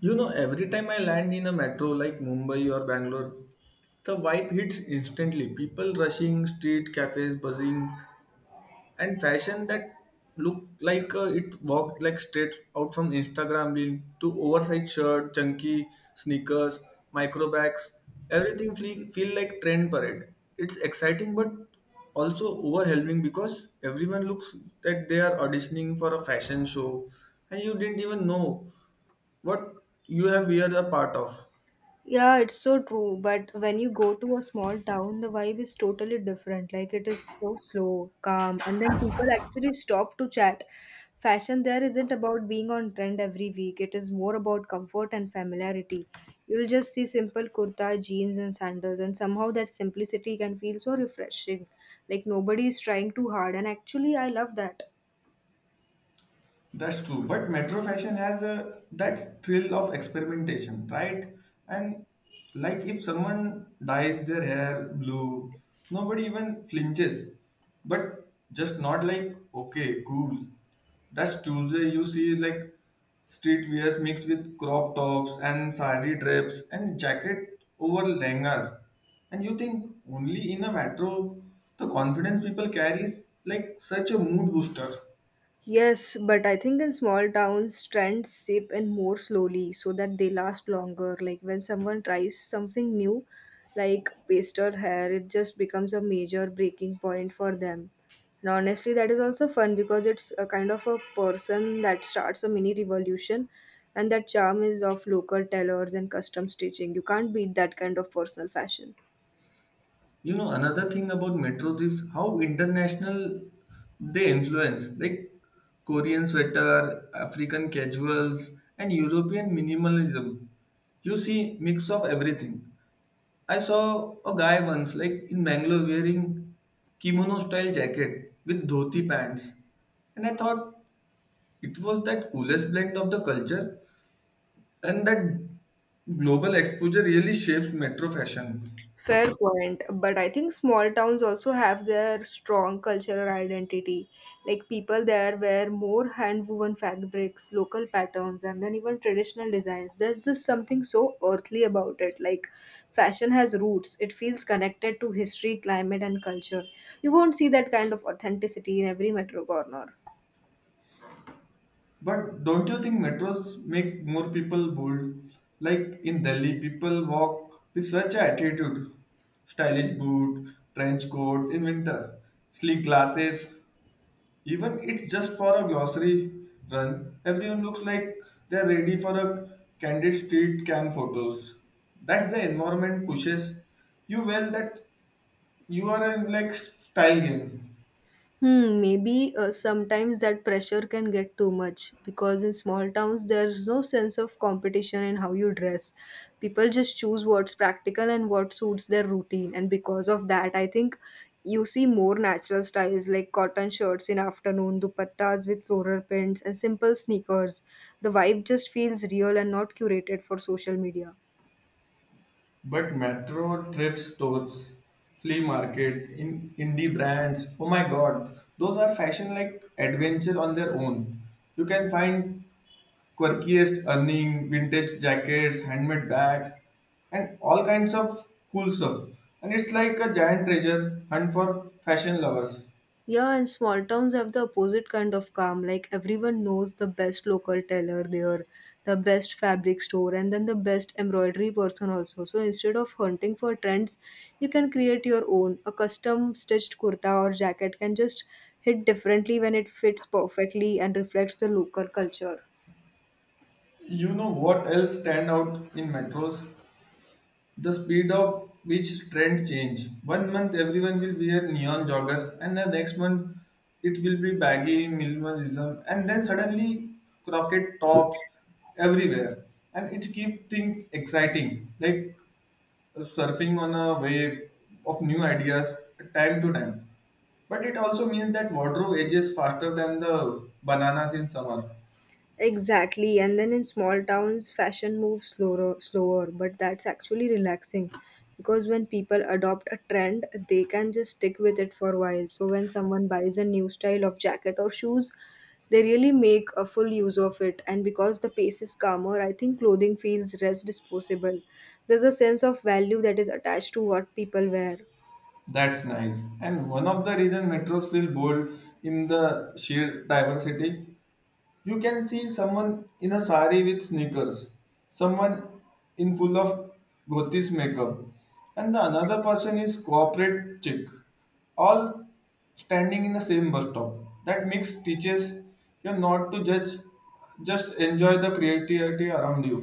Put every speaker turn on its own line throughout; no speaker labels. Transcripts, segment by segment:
You know, every time I land in a metro like Mumbai or Bangalore, the vibe hits instantly. People rushing, street cafes buzzing, and fashion that look like it walked like straight out from Instagram reel to oversized shirt, chunky sneakers, micro bags. Everything feel like trend parade. It's exciting but also overwhelming because everyone looks that they are auditioning for a fashion show and you didn't even know what you have we are a part of.
Yeah, it's so true. But when you go to a small town, the vibe is totally different. Like it is so slow, calm, and then people actually stop to chat. Fashion there isn't about being on trend every week, it is more about comfort and familiarity. You'll just see simple kurta, jeans, and sandals, and somehow that simplicity can feel so refreshing. Like nobody is trying too hard, and actually, I love that.
That's true, but metro fashion has a that thrill of experimentation, right? And like if someone dyes their hair blue, nobody even flinches. But just not like okay, cool. That's Tuesday. You see like street wears mixed with crop tops and sari drapes and jacket over lehengas, and you think only in a metro the confidence people carry is like such a mood booster.
Yes, but I think in small towns, trends seep in more slowly so that they last longer. Like when someone tries something new, like paste or hair, it just becomes a major breaking point for them. And honestly, that is also fun because it's a kind of a person that starts a mini revolution, and that charm is of local tailors and custom stitching. You can't beat that kind of personal fashion.
You know, another thing about metros is how international they influence, like Korean sweater, African casuals, and European minimalism. You see, mix of everything. I saw a guy once, like in Bangalore, wearing kimono style jacket with dhoti pants, and I thought it was that coolest blend of the culture and that global exposure really shapes metro fashion.
Fair point, but I think small towns also have their strong cultural identity. Like people there wear more hand woven fabrics, local patterns, and then even traditional designs. There's just something so earthly about it. Like fashion has roots, it feels connected to history, climate, and culture. You won't see that kind of authenticity in every metro corner.
But don't you think metros make more people bold? Like in Delhi, people walk with such a attitude. Stylish boot, trench coats in winter, sleek glasses. Even it's just for a glossary run, everyone looks like they're ready for a candid street cam photos. That's the environment pushes you well that you are in like style game.
Hmm, maybe sometimes that pressure can get too much because in small towns there's no sense of competition in how you dress. People just choose what's practical and what suits their routine, and because of that, I think you see more natural styles like cotton shirts in afternoon, dupattas with floral prints, and simple sneakers. The vibe just feels real and not curated for social media.
But metro thrift stores, flea markets, in indie brands, oh my god, those are fashion like adventure on their own. You can find quirkiest earning, vintage jackets, handmade bags, and all kinds of cool stuff. And it's like a giant treasure hunt for fashion lovers.
Yeah, and small towns have the opposite kind of calm. Like everyone knows the best local tailor there, the best fabric store, and then the best embroidery person also. So instead of hunting for trends, you can create your own. A custom stitched kurta or jacket can just hit differently when it fits perfectly and reflects the local culture.
You know what else stand out in metros? The speed of which trend change. One month everyone will wear neon joggers, and the next month it will be baggy minimalism, and then suddenly cropped tops everywhere, and it keeps things exciting, like surfing on a wave of new ideas time to time. But it also means that wardrobe ages faster than the bananas in summer.
Exactly, and then in small towns, fashion moves slower, slower, but that's actually relaxing because when people adopt a trend, they can just stick with it for a while. So when someone buys a new style of jacket or shoes, they really make a full use of it. And because the pace is calmer, I think clothing feels less disposable. There's a sense of value that is attached to what people wear.
That's nice. And one of the reason metros feel bold in the sheer diversity. You can see someone in a sari with sneakers, someone in full of gothic makeup, and the another person is corporate chick, all standing in the same bus stop. That mix teaches you not to judge, just enjoy the creativity around you.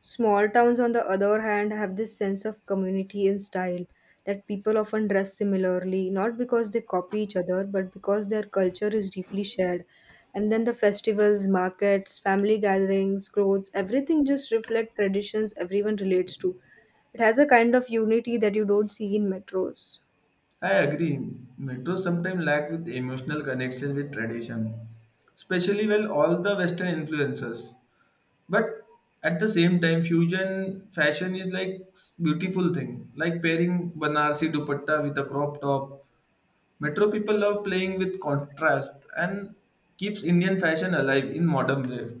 Small towns, on the other hand, have this sense of community and style that people often dress similarly, not because they copy each other, but because their culture is deeply shared. And then the festivals, markets, family gatherings, clothes, everything just reflect traditions everyone relates to. It has a kind of unity that you don't see in metros.
I agree. Metro sometimes lack with emotional connection with tradition, especially when all the Western influences. But at the same time, fusion fashion is like beautiful thing, like pairing Banarsi dupatta with a crop top. Metro people love playing with contrast and keeps Indian fashion alive in modern life.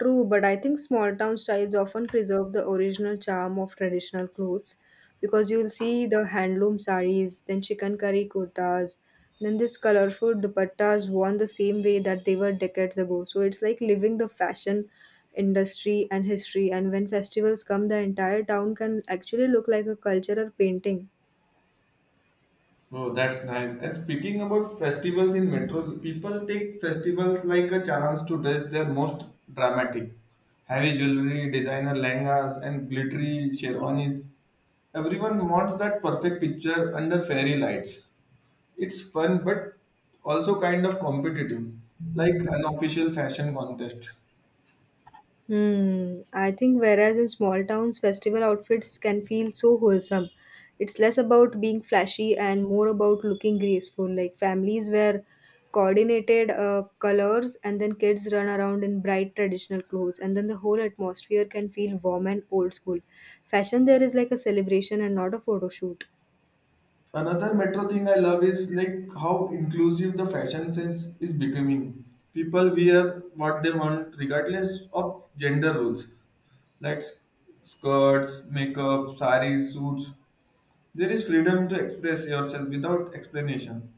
True, but I think small town styles often preserve the original charm of traditional clothes because you'll see the handloom saris, then chicken curry kurtas, then this colorful dupattas worn the same way that they were decades ago. So it's like living the fashion industry and history. And when festivals come, the entire town can actually look like a cultural painting.
Oh, that's nice. And speaking about festivals in metro, people take festivals like a chance to dress their most dramatic. Heavy jewelry, designer lehengas, and glittery sherwanis. Everyone wants that perfect picture under fairy lights. It's fun, but also kind of competitive, like unofficial fashion contest.
Hmm. I think whereas in small towns, festival outfits can feel so wholesome. It's less about being flashy and more about looking graceful. Like families wear coordinated colors, and then kids run around in bright traditional clothes, and then the whole atmosphere can feel warm and old school. Fashion there is like a celebration and not a photo shoot.
Another metro thing I love is like how inclusive the fashion sense is becoming. People wear what they want regardless of gender roles, like skirts, makeup, saris, suits. There is freedom to express yourself without explanation.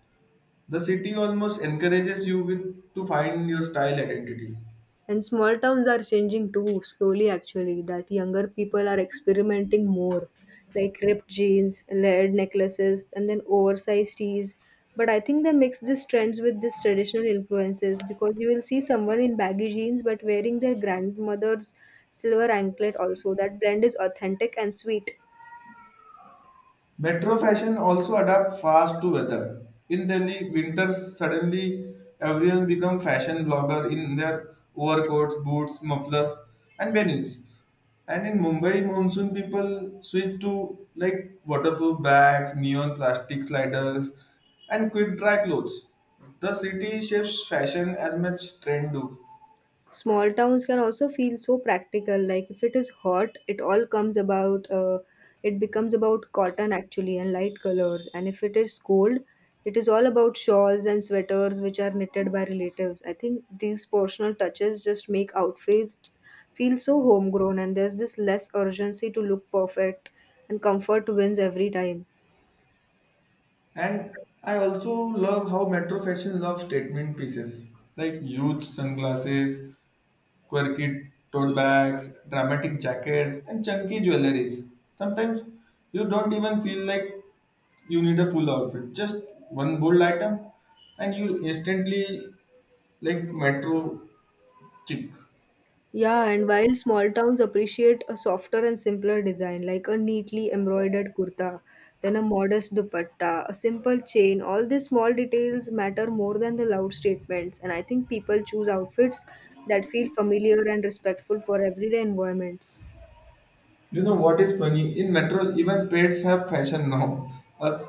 The city almost encourages you with to find your style identity.
And small towns are changing too, slowly actually, that younger people are experimenting more, like ripped jeans, layered necklaces, and then oversized tees. But I think they mix these trends with these traditional influences because you will see someone in baggy jeans but wearing their grandmother's silver anklet also. That blend is authentic and sweet.
Metro fashion also adapt fast to weather. In Delhi, winters suddenly everyone become fashion blogger in their overcoats, boots, mufflers, and beanies. And in Mumbai, monsoon people switch to like waterproof bags, neon plastic sliders, and quick dry clothes. The city shapes fashion as much trend do.
Small towns can also feel so practical. Like if it is hot, it all comes about. It becomes about cotton actually and light colors. And if it is cold, it is all about shawls and sweaters which are knitted by relatives. I think these personal touches just make outfits feel so homegrown. And there's this less urgency to look perfect, and comfort wins every time.
And I also love how metro fashion loves statement pieces like huge sunglasses, quirky tote bags, dramatic jackets, and chunky jewelries. Sometimes you don't even feel like you need a full outfit, just one bold item, and you instantly like metro chick.
Yeah, and while small towns appreciate a softer and simpler design, like a neatly embroidered kurta, then a modest dupatta, a simple chain, all these small details matter more than the loud statements. And I think people choose outfits that feel familiar and respectful for everyday environments.
You know what is funny? In metro, even pets have fashion now. Us-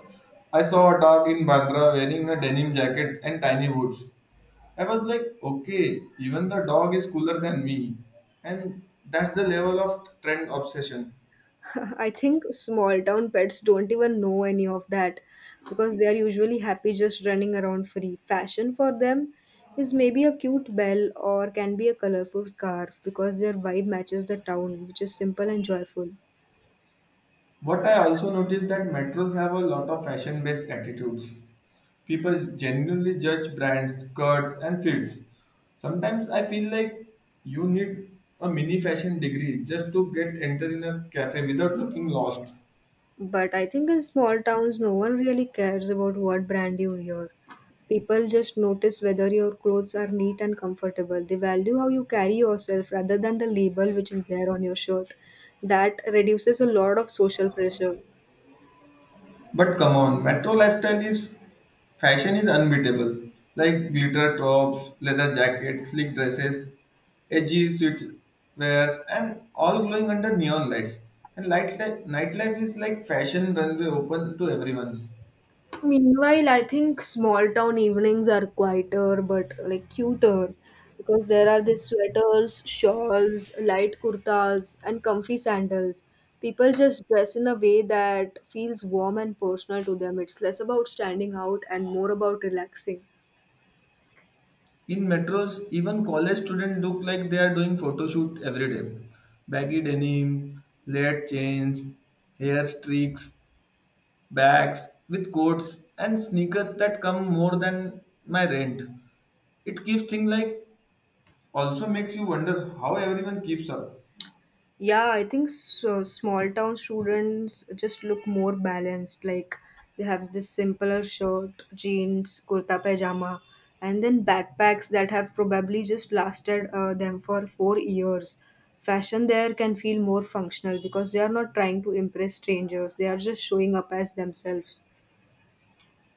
I saw a dog in Bandra wearing a denim jacket and tiny boots. I was like, okay, even the dog is cooler than me. And that's the level of trend obsession.
I think small town pets don't even know any of that because they are usually happy just running around free. Fashion for them is maybe a cute bell or can be a colorful scarf because their vibe matches the town, which is simple and joyful.
What I also noticed that metros have a lot of fashion-based attitudes. People genuinely judge brands, cuts, and fits. Sometimes I feel like you need a mini fashion degree just to get enter in a cafe without looking lost.
But I think in small towns, no one really cares about what brand you wear. People just notice whether your clothes are neat and comfortable. They value how you carry yourself rather than the label which is there on your shirt. That reduces a lot of social pressure.
But come on, metro lifestyle is fashion is unbeatable. Like glitter tops, leather jackets, sleek dresses, edgy suit wears, and all glowing under neon lights. And nightlife is like fashion runway open to everyone.
Meanwhile, I think small town evenings are quieter but like cuter because there are these sweaters, shawls, light kurtas, and comfy sandals. People just dress in a way that feels warm and personal to them. It's less about standing out and more about relaxing.
In metros, even college students look like they are doing photo shoot every day. Baggy denim, layered chains, hair streaks, bags with coats and sneakers that come more than my rent. It keeps things like also makes you wonder how everyone keeps up.
Yeah, I think so, small town students just look more balanced. Like they have this simpler shirt, jeans, kurta pajama, and then backpacks that have probably just lasted them for 4 years. Fashion there can feel more functional because they are not trying to impress strangers, they are just showing up as themselves.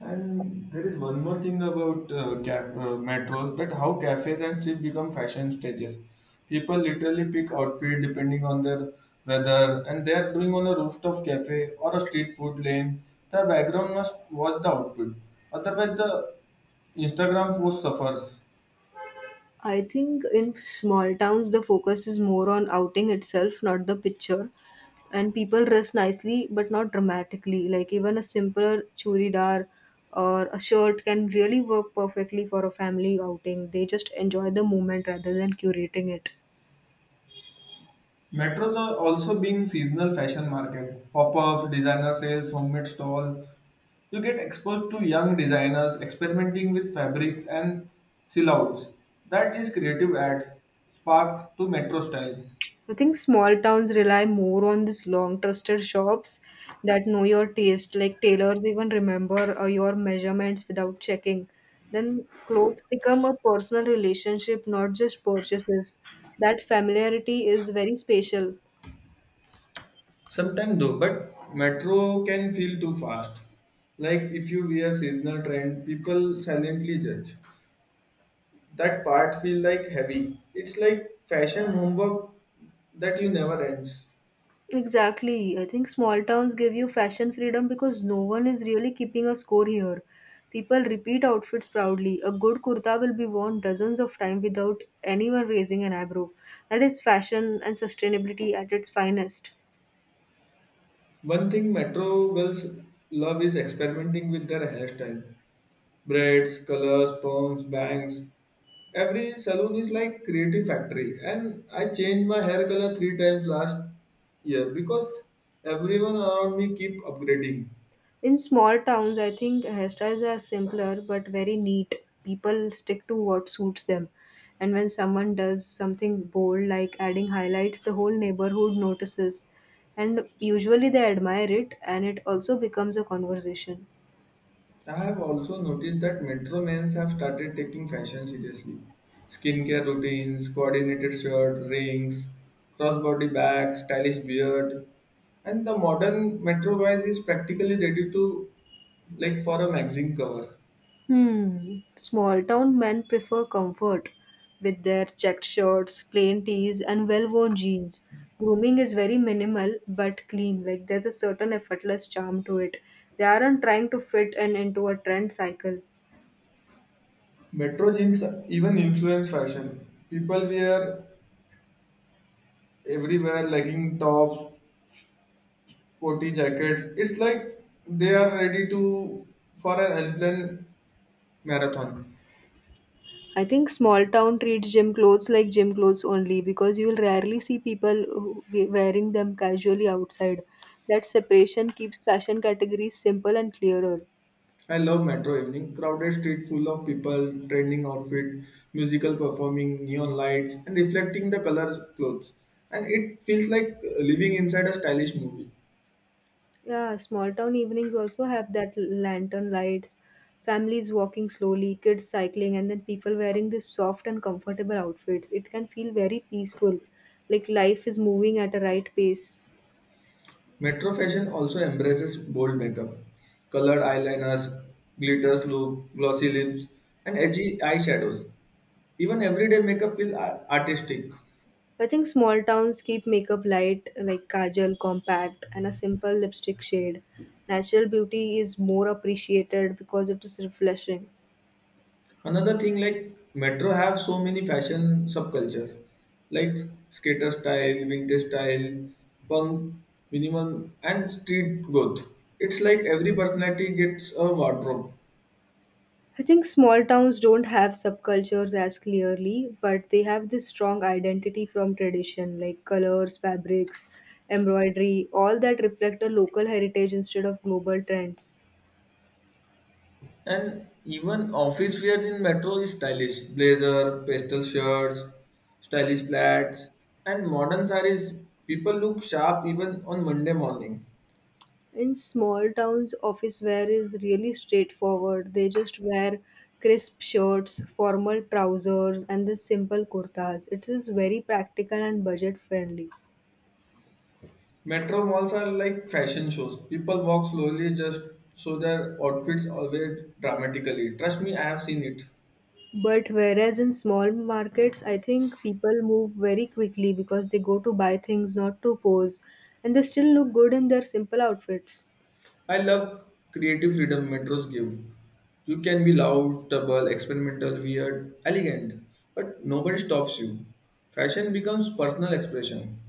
And there is one more thing about metros that how cafes and streets become fashion stages. People literally pick outfit depending on their weather, and they are doing on a rooftop cafe or a street food lane. The background must watch the outfit, otherwise the Instagram post suffers.
I think in small towns the focus is more on outing itself, not the picture. And people dress nicely but not dramatically. Like even a simpler churidar or a shirt can really work perfectly for a family outing. They just enjoy the moment rather than curating it.
Metros are also being seasonal fashion market. Pop-ups, designer sales, homemade stalls. You get exposed to young designers experimenting with fabrics and silhouettes. That is creative ads sparked to metro style.
I think small towns rely more on these long trusted shops that know your taste, like tailors even remember your measurements without checking. Then clothes become a personal relationship, not just purchases. That familiarity is very special.
Sometimes though, but metro can feel too fast. Like if you wear seasonal trend, people silently judge. That part feel like heavy. It's like fashion homework that you never ends.
Exactly. I think small towns give you fashion freedom because no one is really keeping a score here. People repeat outfits proudly. A good kurta will be worn dozens of times without anyone raising an eyebrow. That is fashion and sustainability at its finest.
One thing metro girls love is experimenting with their hairstyle. Braids, colors, perms, bangs. Every salon is like creative factory and I changed my hair color three times last year because everyone around me keep upgrading.
In small towns, I think hairstyles are simpler but very neat. People stick to what suits them. And when someone does something bold like adding highlights, the whole neighborhood notices. And usually they admire it and it also becomes a conversation.
I have also noticed that metro men have started taking fashion seriously. Skincare routines, coordinated shirt, rings, crossbody bags, stylish beard, and the modern metro guys is practically ready to like for a magazine cover.
Hmm. Small town men prefer comfort with their checked shirts, plain tees, and well worn jeans. Grooming is very minimal but clean, like, there's a certain effortless charm to it. They aren't trying to fit in into a trend cycle.
Metro gyms even influence fashion. People wear everywhere legging tops, sporty jackets. It's like they are ready to for an unplanned marathon.
I think small town treats gym clothes like gym clothes only because you'll rarely see wearing them casually outside. That separation keeps fashion categories simple and clearer.
I love metro evening. Crowded street full of people, trending outfit, musical performing, neon lights, and reflecting the colors clothes. And it feels like living inside a stylish movie.
Yeah, small town evenings also have that lantern lights, families walking slowly, kids cycling, and then people wearing these soft and comfortable outfits. It can feel very peaceful, like life is moving at a right pace.
Metro fashion also embraces bold makeup, colored eyeliners, glitters look, glossy lips, and edgy eyeshadows. Even everyday makeup feels artistic.
I think small towns keep makeup light, like kajal, compact, and a simple lipstick shade. Natural beauty is more appreciated because it is refreshing.
Another thing like metro have so many fashion subcultures like skater style, vintage style, punk, minimal and street goth. It's like every personality gets a wardrobe.
I think small towns don't have subcultures as clearly, but they have this strong identity from tradition, like colors, fabrics, embroidery, all that reflect a local heritage instead of global trends.
And even office wear in metro is stylish. Blazer, pastel shirts, stylish flats and modern sarees. People look sharp even on Monday morning.
In small towns, office wear is really straightforward. They just wear crisp shirts, formal trousers, and the simple kurtas. It is very practical and budget friendly.
Metro malls are like fashion shows. People walk slowly just so their outfits always dramatically. Trust me, I have seen it.
But whereas in small markets, I think people move very quickly because they go to buy things, not to pose, and they still look good in their simple outfits.
I love creative freedom metros give. You can be loud, double, experimental, weird, elegant, but nobody stops you. Fashion becomes personal expression.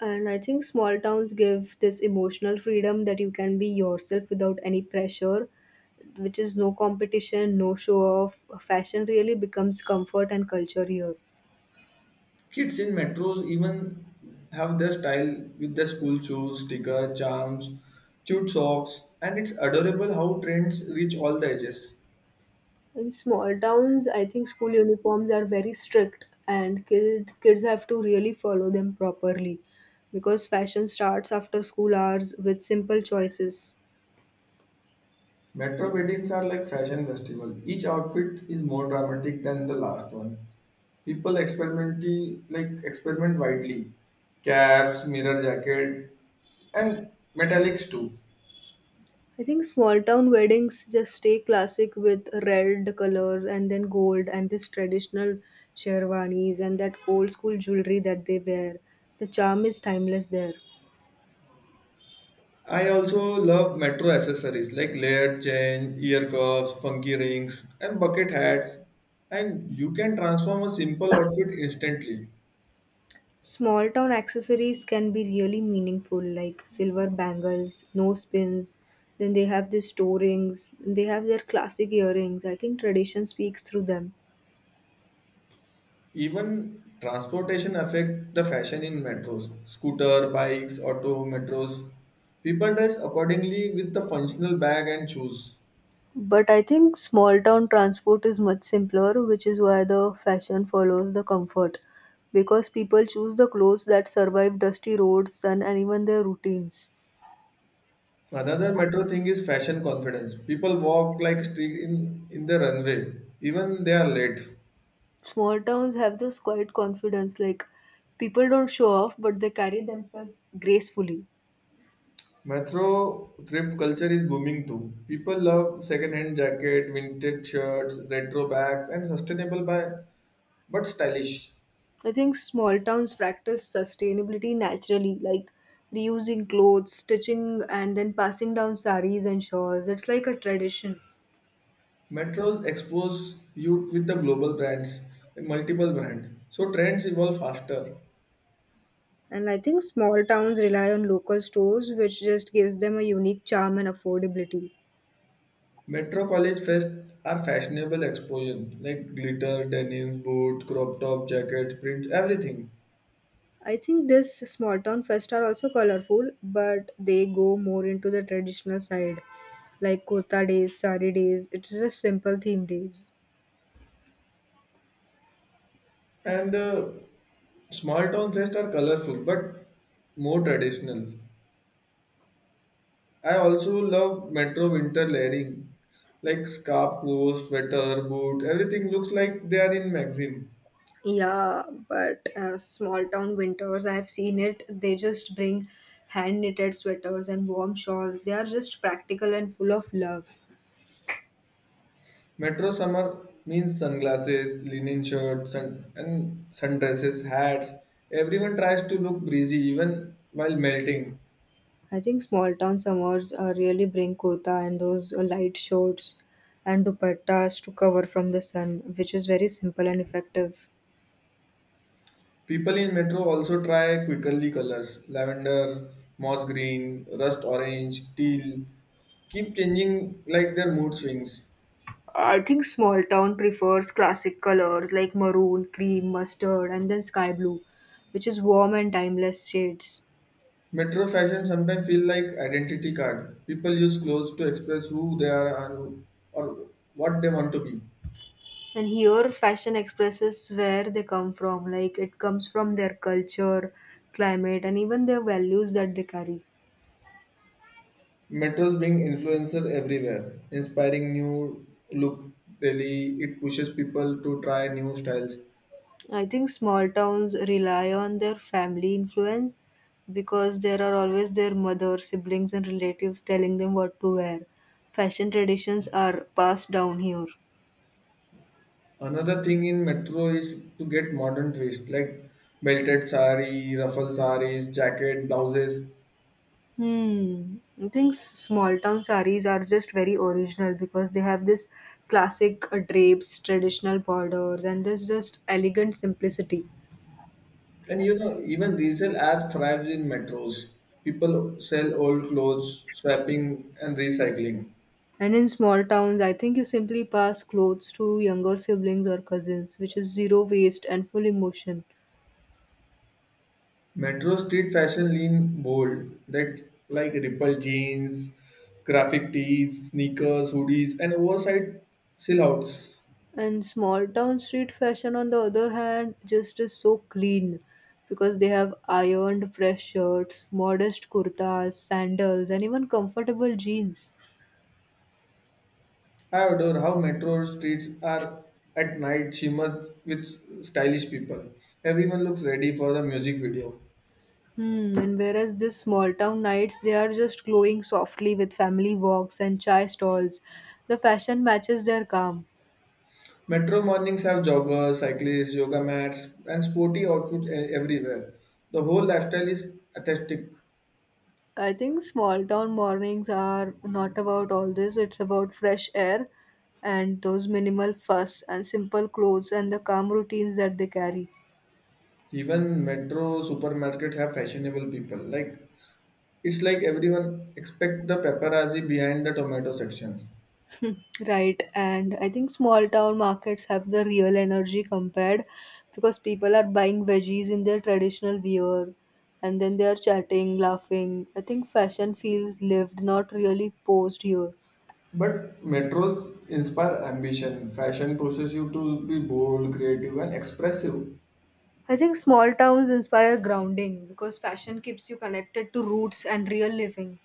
And I think small towns give this emotional freedom that you can be yourself without any pressure, which is no competition, no show off. Fashion really becomes comfort and culture here.
Kids in metros even have their style with their school shoes, sticker, charms, cute socks, and it's adorable how trends reach all the ages.
In small towns, I think school uniforms are very strict and kids have to really follow them properly because fashion starts after school hours with simple choices.
Metro weddings are like fashion festival. Each outfit is more dramatic than the last one. People experiment like experiment widely. Caps, mirror jacket, and metallics too.
I think small town weddings just stay classic with red color and then gold and this traditional sherwanis and that old school jewelry that they wear. The charm is timeless there.
I also love metro accessories like layered chain, ear cuffs, funky rings, and bucket hats. And you can transform a simple outfit instantly.
Small town accessories can be really meaningful, like silver bangles, nose pins. Then they have these toe rings. They have their classic earrings. I think tradition speaks through them.
Even transportation affect the fashion in metros. Scooter, bikes, auto, metros. People dress accordingly with the functional bag and shoes.
But I think small town transport is much simpler, which is why the fashion follows the comfort. Because people choose the clothes that survive dusty roads, sun, and even their routines.
Another metro thing is fashion confidence. People walk like street in the runway, even they are late.
Small towns have this quiet confidence, like people don't show off, but they carry themselves gracefully.
Metro thrift culture is booming too. People love second-hand jacket, vintage shirts, retro bags, and sustainable by but stylish.
I think small towns practice sustainability naturally, like reusing clothes, stitching, and then passing down saris and shawls. It's like a tradition.
Metros expose you with the global brands, multiple brand. So trends evolve faster.
And I think small towns rely on local stores, which just gives them a unique charm and affordability.
Metro college fest are fashionable explosion like glitter, denim, boot, crop top, jacket, print, everything.
I think this small town fest are also colorful, but they go more into the traditional side, like kurta days, sari days. It's just simple theme days.
And small town fest are colorful but more traditional. I also love metro winter layering like scarf, coat, sweater, boot. Everything looks like they are in magazine.
Yeah, but small town winters, I've seen it. They just bring hand knitted sweaters and warm shawls. They are just practical and full of love.
Metro summer means sunglasses, linen shirts, and sundresses, hats. Everyone tries to look breezy even while melting.
I think small town summers really bring kurta and those light shorts and dupattas to cover from the sun, which is very simple and effective.
People in metro also try quickly colors lavender, moss green, rust orange, teal. Keep changing like their mood swings.
I think small town prefers classic colors like maroon, cream, mustard, and then sky blue, which is warm and timeless shades.
Metro fashion sometimes feel like identity card. People use clothes to express who they are and or what they want to be.
And here, fashion expresses where they come from. Like it comes from their culture, climate, and even their values that they carry.
Metros being influencer everywhere, inspiring new look daily. It pushes people to try new styles.
I think small towns rely on their family influence because there are always their mother, siblings, and relatives telling them what to wear. Fashion traditions are passed down here.
Another thing in metro is to get modern twist like belted sari, ruffle saris, jacket, blouses,
Hmm. I think small town saris are just very original because they have this classic drapes, traditional borders, and this just elegant simplicity.
and you know even resale apps thrives in metros. People sell old clothes, swapping and recycling.
And in small towns, I think you simply pass clothes to younger siblings or cousins, which is zero waste and full emotion.
Metro street fashion lean bold that like ripple jeans, graphic tees, sneakers, hoodies, and oversized silhouettes.
And small town street fashion, on the other hand, just is so clean because they have ironed fresh shirts, modest kurtas, sandals, and even comfortable jeans.
I adore how metro streets are at night shimmer with stylish people. Everyone looks ready for the music video.
Hmm, and whereas this small town nights, they are just glowing softly with family walks and chai stalls. The fashion matches their calm.
Metro mornings have joggers, cyclists, yoga mats, and sporty outfits everywhere. The whole lifestyle is aesthetic.
I think small town mornings are not about all this. It's about fresh air and those minimal fuss and simple clothes and the calm routines that they carry.
Even metro supermarkets have fashionable people like it's like everyone expect the paparazzi behind the tomato section.
Right. And I think small town markets have the real energy compared because people are buying veggies in their traditional wear and then they are chatting, laughing. I think fashion feels lived, not really posed here.
But metros inspire ambition. Fashion pushes you to be bold, creative, and expressive.
I think small towns inspire grounding because fashion keeps you connected to roots and real living.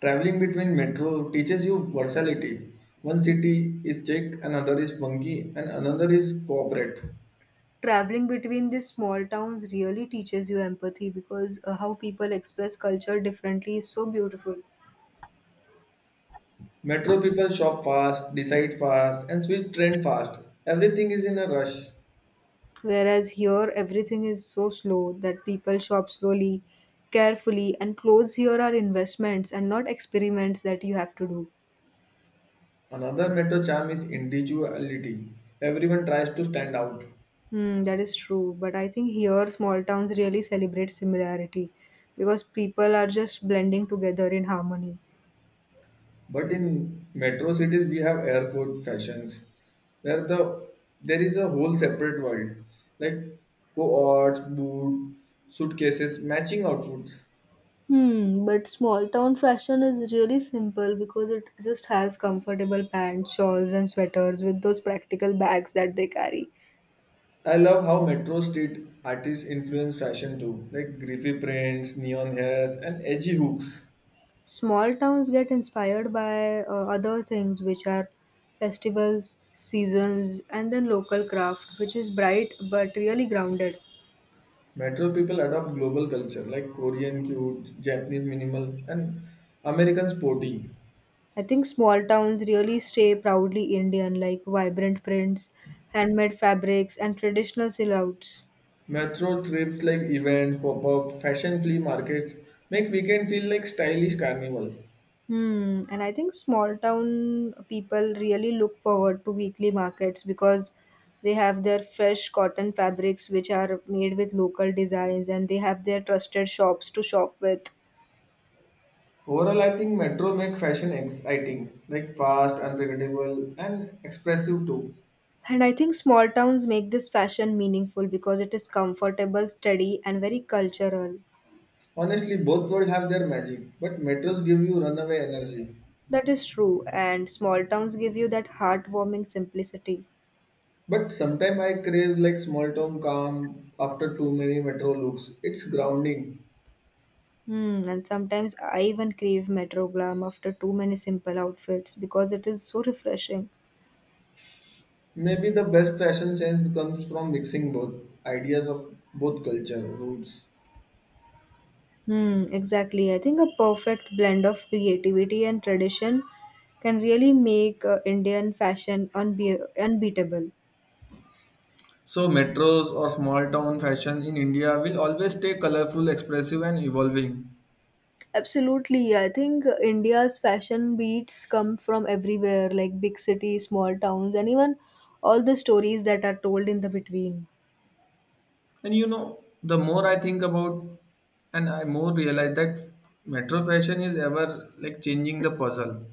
Traveling between metro teaches you versatility. One city is chic, another is funky, and another is corporate.
Traveling between these small towns really teaches you empathy because how people express culture differently is so beautiful.
Metro people shop fast, decide fast, and switch trend fast. Everything is in a rush.
Whereas here, everything is so slow that people shop slowly, carefully, and clothes here are investments and not experiments that you have to do.
Another metro charm is individuality. Everyone tries to stand out.
Hmm, that is true, but I think here small towns really celebrate similarity because people are just blending together in harmony.
But in metro cities, we have airport fashions where the there is a whole separate world, like cohorts, boot, suitcases, matching outfits.
Hmm, but small town fashion is really simple because it just has comfortable pants, shawls, and sweaters with those practical bags that they carry.
I love how metro street artists influence fashion too, like griffy prints, neon hairs, and edgy hooks.
Small towns get inspired by other things, which are festivals, seasons, and then local craft, which is bright but really grounded.
Metro people adopt global culture like Korean cute, Japanese minimal, and American sporty.
I think small towns really stay proudly Indian, like vibrant prints, handmade fabrics, and traditional silhouettes.
Metro thrift like events, pop-up, fashion flea markets make weekend feel like stylish carnival.
Hmm, and I think small town people really look forward to weekly markets because they have their fresh cotton fabrics which are made with local designs and they have their trusted shops to shop with.
Overall, I think metro make fashion exciting, like fast, unpredictable, and expressive too.
And I think small towns make this fashion meaningful because it is comfortable, steady, and very cultural.
Honestly, both world have their magic, but metros give you runaway energy.
That is true, and small towns give you that heartwarming simplicity.
But sometimes I crave like small town calm after too many metro looks. It's grounding.
Hmm, and sometimes I even crave Metro Glam after too many simple outfits because it is so refreshing.
Maybe the best fashion sense comes from mixing both ideas of both culture roots.
Hmm, exactly. I think a perfect blend of creativity and tradition can really make Indian fashion unbeatable.
So, metros or small town fashion in India will always stay colorful, expressive, and evolving.
Absolutely. I think India's fashion beats come from everywhere, like big cities, small towns, and even all the stories that are told in the between.
And you know, the more I think about and I more realize that metro fashion is ever like changing the puzzle.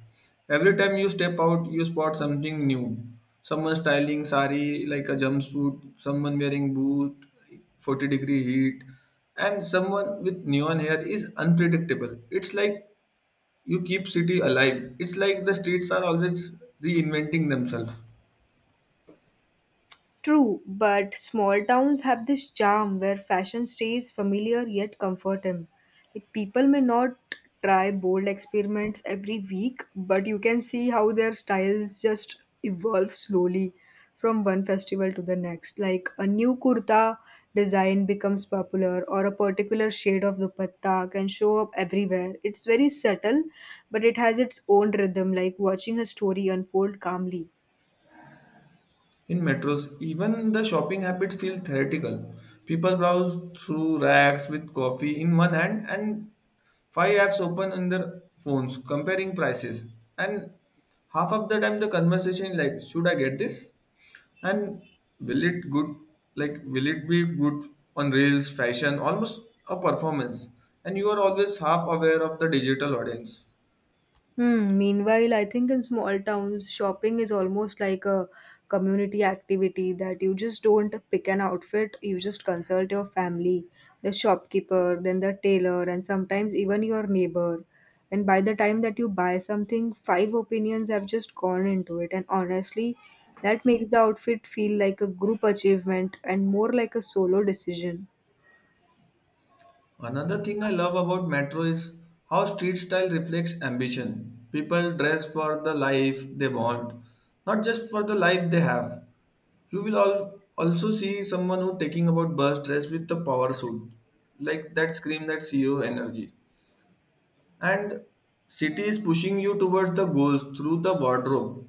Every time you step out, you spot something new. Someone styling sari like a jumpsuit, someone wearing boot, 40-degree heat, and someone with neon hair is unpredictable. It's like you keep city alive, it's like the streets are always reinventing themselves.
True, but small towns have this charm where fashion stays familiar yet comforting. Like people may not try bold experiments every week, but you can see how their styles just evolve slowly from one festival to the next. Like a new kurta design becomes popular, or a particular shade of dupatta can show up everywhere. It's very subtle, but it has its own rhythm, like watching a story unfold calmly.
In metros, even the shopping habits feel theoretical. People browse through racks with coffee in one hand and five apps open on their phones comparing prices, and half of the time the conversation is like, should I get this, and will it good will it be good on reels? Fashion almost a performance, and you are always half aware of the digital audience.
Hmm. Meanwhile, I think in small towns, shopping is almost like a community activity that you just don't pick an outfit, you just consult your family, the shopkeeper, then the tailor, and sometimes even your neighbor. And by the time that you buy something, five opinions have just gone into it. And honestly, that makes the outfit feel like a group achievement and more like a solo decision.
Another thing I love about metro is how street style reflects ambition. People dress for the life they want, not just for the life they have. You will also see someone who taking about bus dress with the power suit, like that scream that CEO energy. And city is pushing you towards the goals through the wardrobe.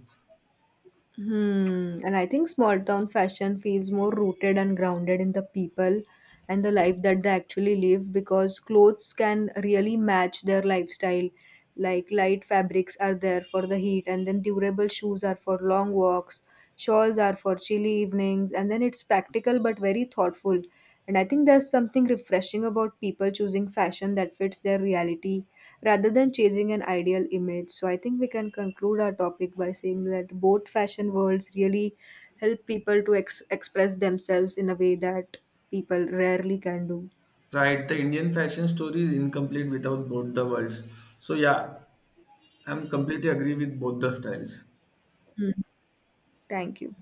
Hmm. And I think small town fashion feels more rooted and grounded in the people and the life that they actually live because clothes can really match their lifestyle. Like light fabrics are there for the heat, and then durable shoes are for long walks, shawls are for chilly evenings, and then it's practical but very thoughtful. And I think there's something refreshing about people choosing fashion that fits their reality rather than chasing an ideal image. So I think we can conclude our topic by saying that both fashion worlds really help people to express themselves in a way that people rarely can do.
Right, the Indian fashion story is incomplete without both the worlds. So yeah, I'm completely agree with both the styles.
Hmm. Thank you.